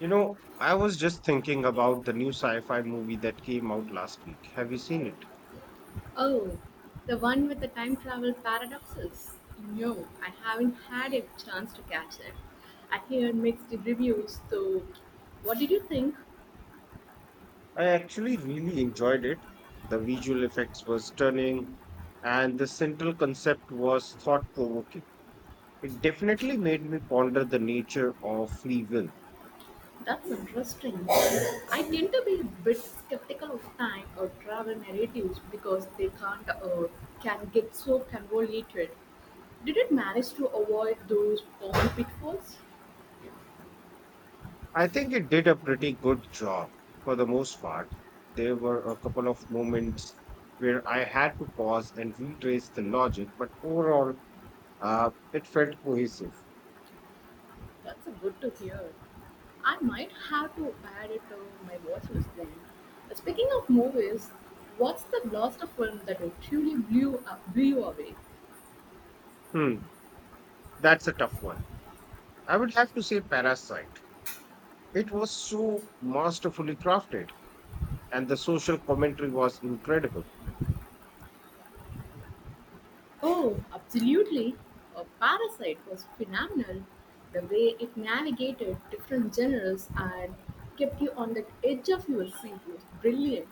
You know, I was just thinking about the new sci fi movie that came out last week. Have you seen it? Oh, the one with the time travel paradoxes? No, I haven't had a chance to catch it. I hear mixed reviews, so what did you think? I actually really enjoyed it. The visual effects was stunning, and the central concept was thought provoking. It definitely made me ponder the nature of free will. That's interesting. I tend to be a bit skeptical of time or travel narratives because they can't can get so convoluted. Did it manage to avoid those common pitfalls? I think it did a pretty good job for the most part. There were a couple of moments where I had to pause and retrace the logic, but overall, it felt cohesive. That's good to hear. I might have to add it to my watch list then. Speaking of movies, what's the last film that blew you away? Hmm, that's a tough one. I would have to say Parasite. It was so masterfully crafted, and the social commentary was incredible, Oh, absolutely! A Parasite was phenomenal. The way it navigated different genres and kept you on the edge of your seat was brilliant.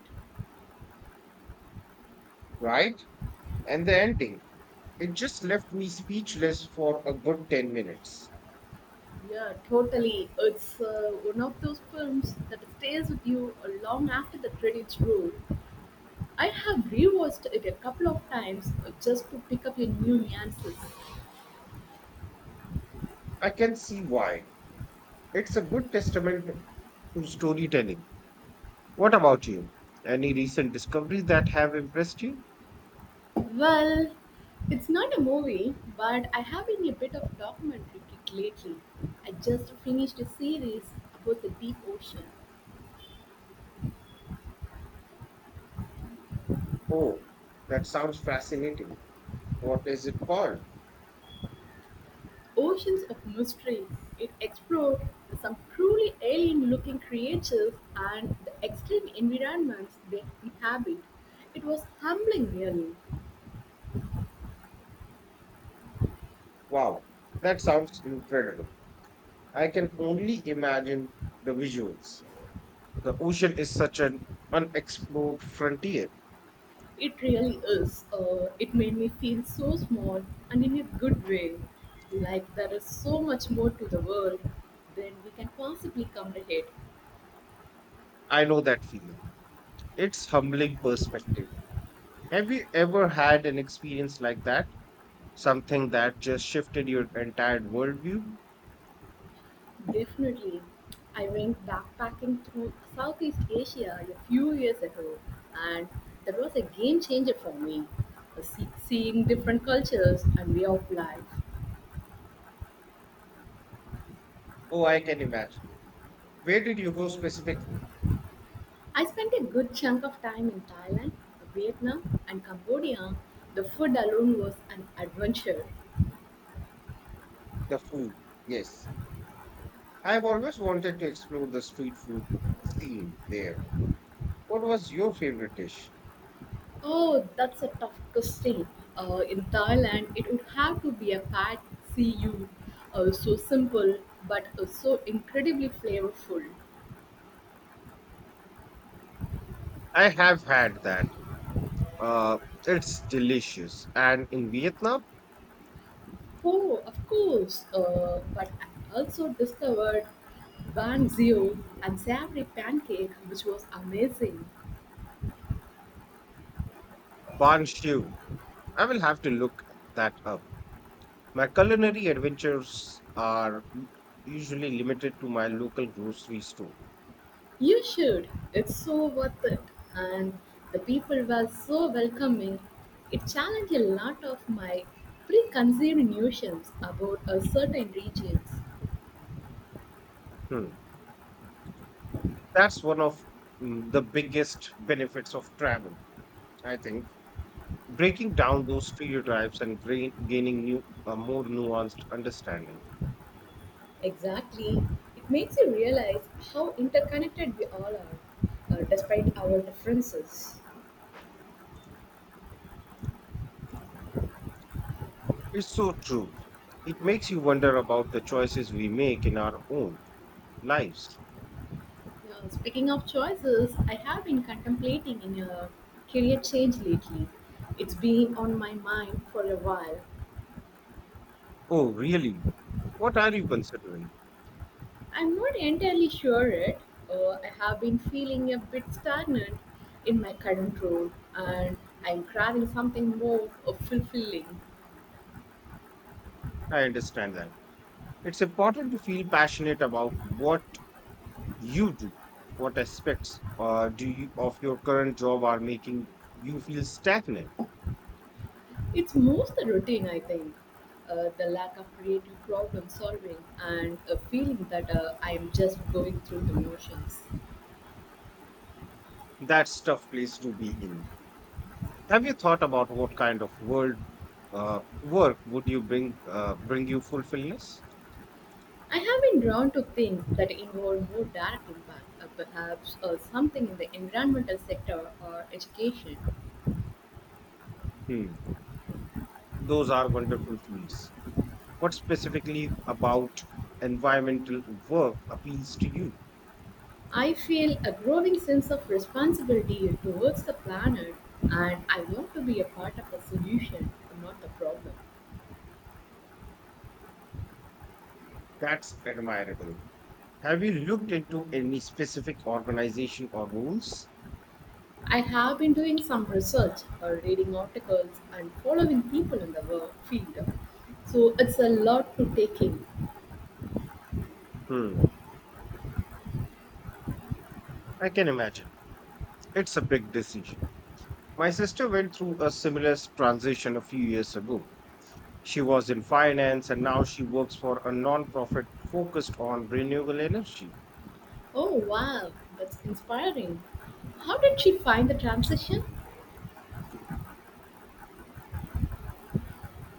right? And the ending, it just left me speechless for a good 10 minutes. Yeah, totally. It's one of those films that stays with you long after the credits roll. I have rewatched it a couple of times just to pick up a new nuances. I can see why. It's a good testament to storytelling. What about you? Any recent discoveries that have impressed you? Well, it's not a movie, but I have been a bit of documentary kick lately. I just finished a series about the deep ocean, Oh, that sounds fascinating. What is it called? oceans of mystery. It explored some truly alien-looking creatures and the extreme environments they inhabit. It was humbling, really. Wow, that sounds incredible. I can only imagine the visuals. The ocean is such an unexplored frontier. It really is. It made me feel so small and in a good way. Like there is so much more to the world than we can possibly comprehend. I know that feeling. It's humbling perspective. Have you ever had an experience like that? Something that just shifted your entire worldview? Definitely. I went backpacking through Southeast Asia a few years ago and that was a game changer for me. Seeing different cultures and way of life. Oh, I can imagine. Where did you go specifically? I spent a good chunk of time in Thailand, Vietnam, and Cambodia. The food alone was an adventure. The food. Yes. I've always wanted to explore the street food scene there. What was your favorite dish? Oh, that's a tough question. In Thailand, it would have to be a pad see ew. So simple, but so incredibly flavorful. I have had that. Uh, it's delicious. And in Vietnam, Oh, of course. But I also discovered ban zio and savory pancake, which was amazing. banh siu. I will have to look that up. My culinary adventures are usually limited to my local grocery store. You should. It's so worth it. And the people were so welcoming. It challenged a lot of my preconceived notions about a certain regions. Hmm. That's one of the biggest benefits of travel, I think. Breaking down those stereotypes and gaining new, a more nuanced understanding. Exactly. It makes you realize how interconnected we all are, despite our differences. It's so true. It makes you wonder about the choices we make in our own lives. Yeah, speaking of choices, I have been contemplating in a career change lately. It's been on my mind for a while. Oh, really? What are you considering? I'm not entirely sure yet. I have been feeling a bit stagnant in my current role, and I'm craving something more fulfilling. I understand that. It's important to feel passionate about what you do? What aspects do you of your current job are making you feel stagnant? It's most the routine, I think. The lack of creative problem solving and a feeling that I'm just going through the motions. That's tough place to be in. Have you thought about what kind of world work would you bring bring you fulfillment? I have been drawn to things that involve more direct impact, perhaps something in the environmental sector or education. Hmm. Those are wonderful things. What specifically about environmental work appeals to you? I feel a growing sense of responsibility towards the planet, and I want to be a part of the solution, not the problem. That's admirable. Have you looked into any specific organization or rules? I have been doing some research, reading articles, and following people in the work field. So it's a lot to take in. Hmm. I can imagine. It's a big decision. My sister went through a similar transition a few years ago. She was in finance and now she works for a non-profit focused on renewable energy. Oh wow, that's inspiring. How did she find the transition?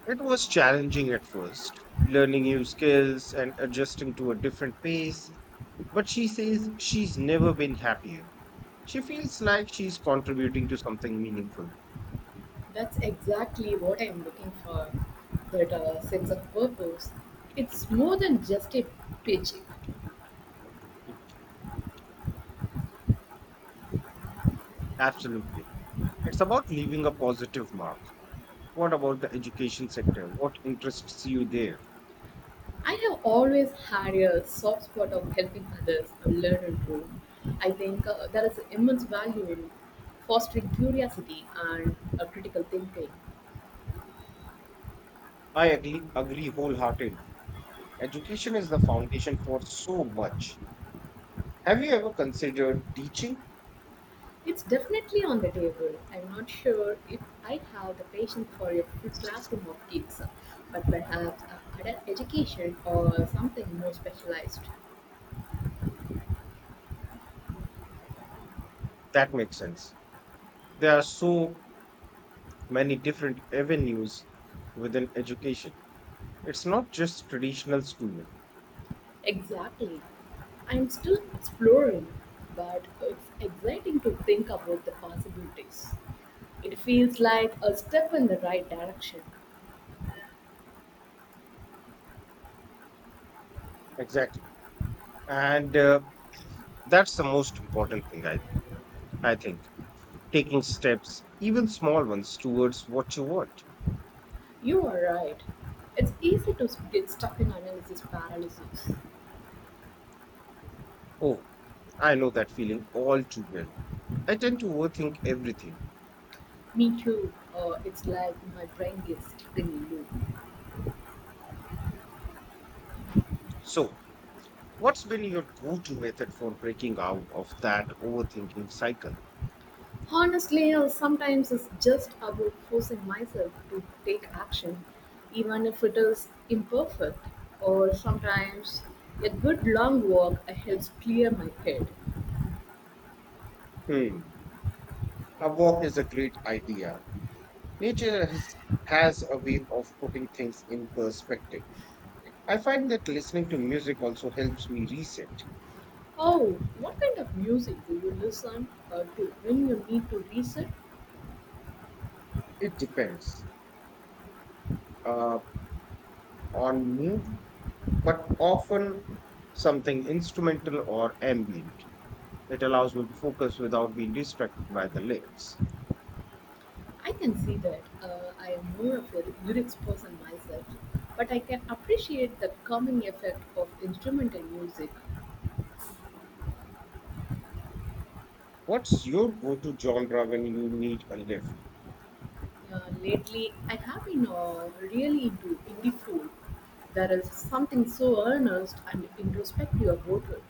It was challenging at first, learning new skills and adjusting to a different pace, but she says she's never been happier. She feels like she's contributing to something meaningful. That's exactly what I'm looking for. That sense of purpose. It's more than just a paycheck. Absolutely. It's about leaving a positive mark. What about the education sector? What interests you there? I have always had a soft spot of helping others learn and grow. I think there is immense value in fostering curiosity and critical thinking. I agree wholeheartedly. Education is the foundation for so much. Have you ever considered teaching? It's definitely on the table. I'm not sure if I have the patience for a full classroom of kids, but perhaps adult education or something more specialized. That makes sense. There are so many different avenues within education. It's not just traditional schooling. Exactly. I'm still exploring, but it's exciting to think about the possibilities. It feels like a step in the right direction. Exactly. And that's the most important thing, I think. Taking steps, even small ones, towards what you want. You are right. It's easy to get stuck in analysis paralysis. Oh, I know that feeling all too well. I tend to overthink everything. Me too. It's like my brain gets stuck in a loop. So, what's been your go to method for breaking out of that overthinking cycle? Honestly, sometimes it's just about forcing myself to take action, even if it is imperfect, or sometimes a good long walk helps clear my head. Hmm. A walk is a great idea. Nature has, has a way of putting things in perspective. I find that listening to music also helps me reset. Oh, what kind of music do you listen to when you need to reset? It depends uh, on mood, but often something instrumental or ambient. It allows me to focus without being distracted by the lyrics. I can see that. I am more of a lyrics person myself, but I can appreciate the calming effect of instrumental music. What's your go to genre when you need a lift? Lately, I have been really into indie folk. There is something so earnest and introspective about it.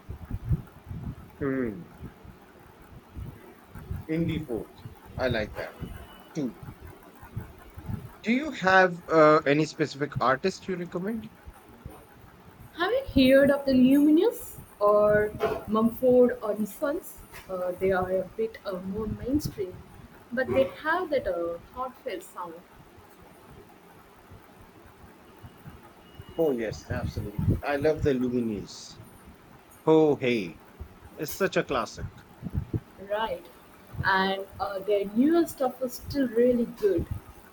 Hmm. Indie folk. I like that. Two. Do you have any specific artist you recommend? Have you heard of the Luminous or Mumford or Sons? They are a bit more mainstream, but they have that heartfelt sound, Oh, yes, absolutely. I love the Lumineers. Oh, hey, it's such a classic. right? And their newer stuff is still really good.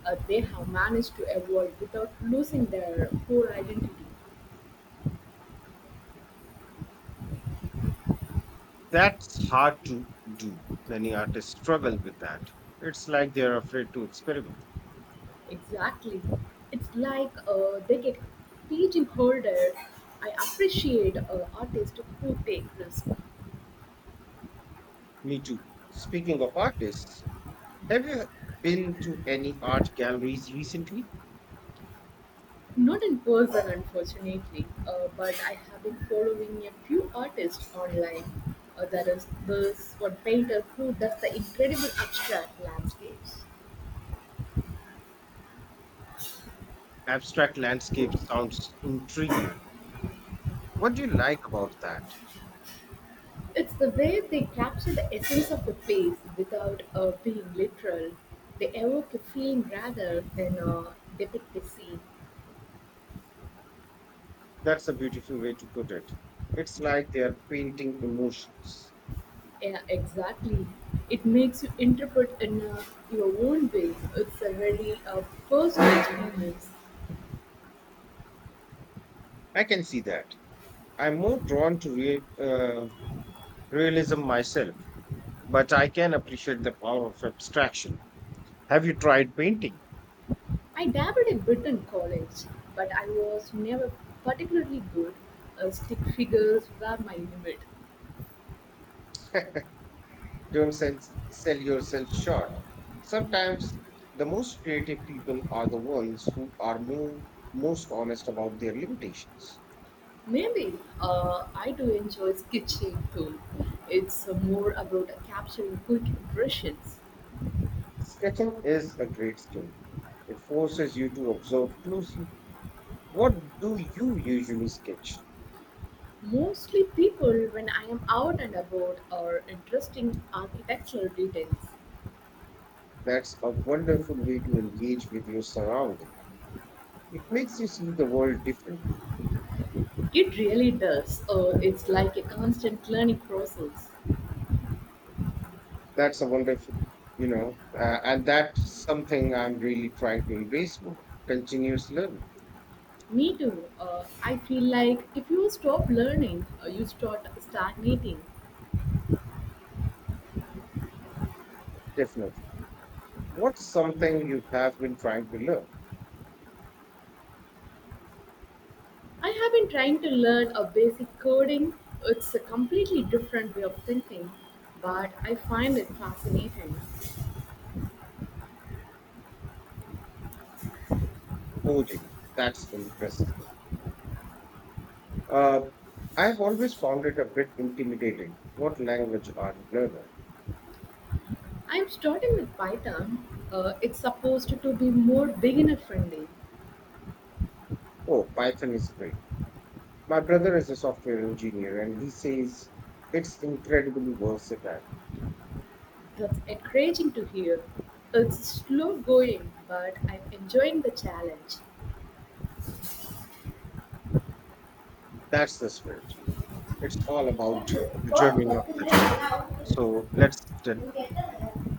They have managed to evolve without losing their core identity. That's hard to do. Many artists struggle with that. It's like they're afraid to experiment. Exactly. It's like they get pigeonholed. I appreciate artists who take risks. Me too. Speaking of artists, have you been to any art galleries recently? Not in person, unfortunately, but I have been following a few artists online. There is this one painter who does the incredible abstract landscapes. Abstract landscape sounds intriguing. What do you like about that? It's the way they capture the essence of the place without being literal. They evoke a feeling rather than depict a scene. That's a beautiful way to put it. It's like they're painting emotions. Yeah, exactly. It makes you interpret in your own way. It's a really a personal experience. I can see that. I'm more drawn to realism myself, but I can appreciate the power of abstraction. Have you tried painting? I dabbled a bit in college, but I was never particularly good. Stick figures were my limit. Don't sell, sell yourself short. Sometimes the most creative people are the ones who are most honest about their limitations. Maybe I do enjoy sketching too. It's more about capturing quick impressions. Sketching is a great skill. It forces you to observe closely. What do you usually sketch? Mostly people when I am out and about are interesting architectural details. That's a wonderful way to engage with your surrounding. It makes you see the world differently. It really does. It's like a constant learning process. That's a wonderful, and that's something I'm really trying to embrace more. Continuous learning, Me too. I feel like if you stop learning, you start stagnating. definitely. What's something you have been trying to learn? I have been trying to learn a basic coding. It's a completely different way of thinking, but I find it fascinating. Coding. That's interesting. Uh, I've always found it a bit intimidating. What language are you learning? I'm starting with Python. It's supposed to be more beginner friendly. Oh, Python is great. My brother is a software engineer and he says it's incredibly versatile. That's encouraging to hear. It's slow going, but I'm enjoying the challenge. That's the spirit. It's all about the Hút journey, thử not cưng the lấy just. của tao, hút thử. So let's Đúng kẹt rất là đẹp.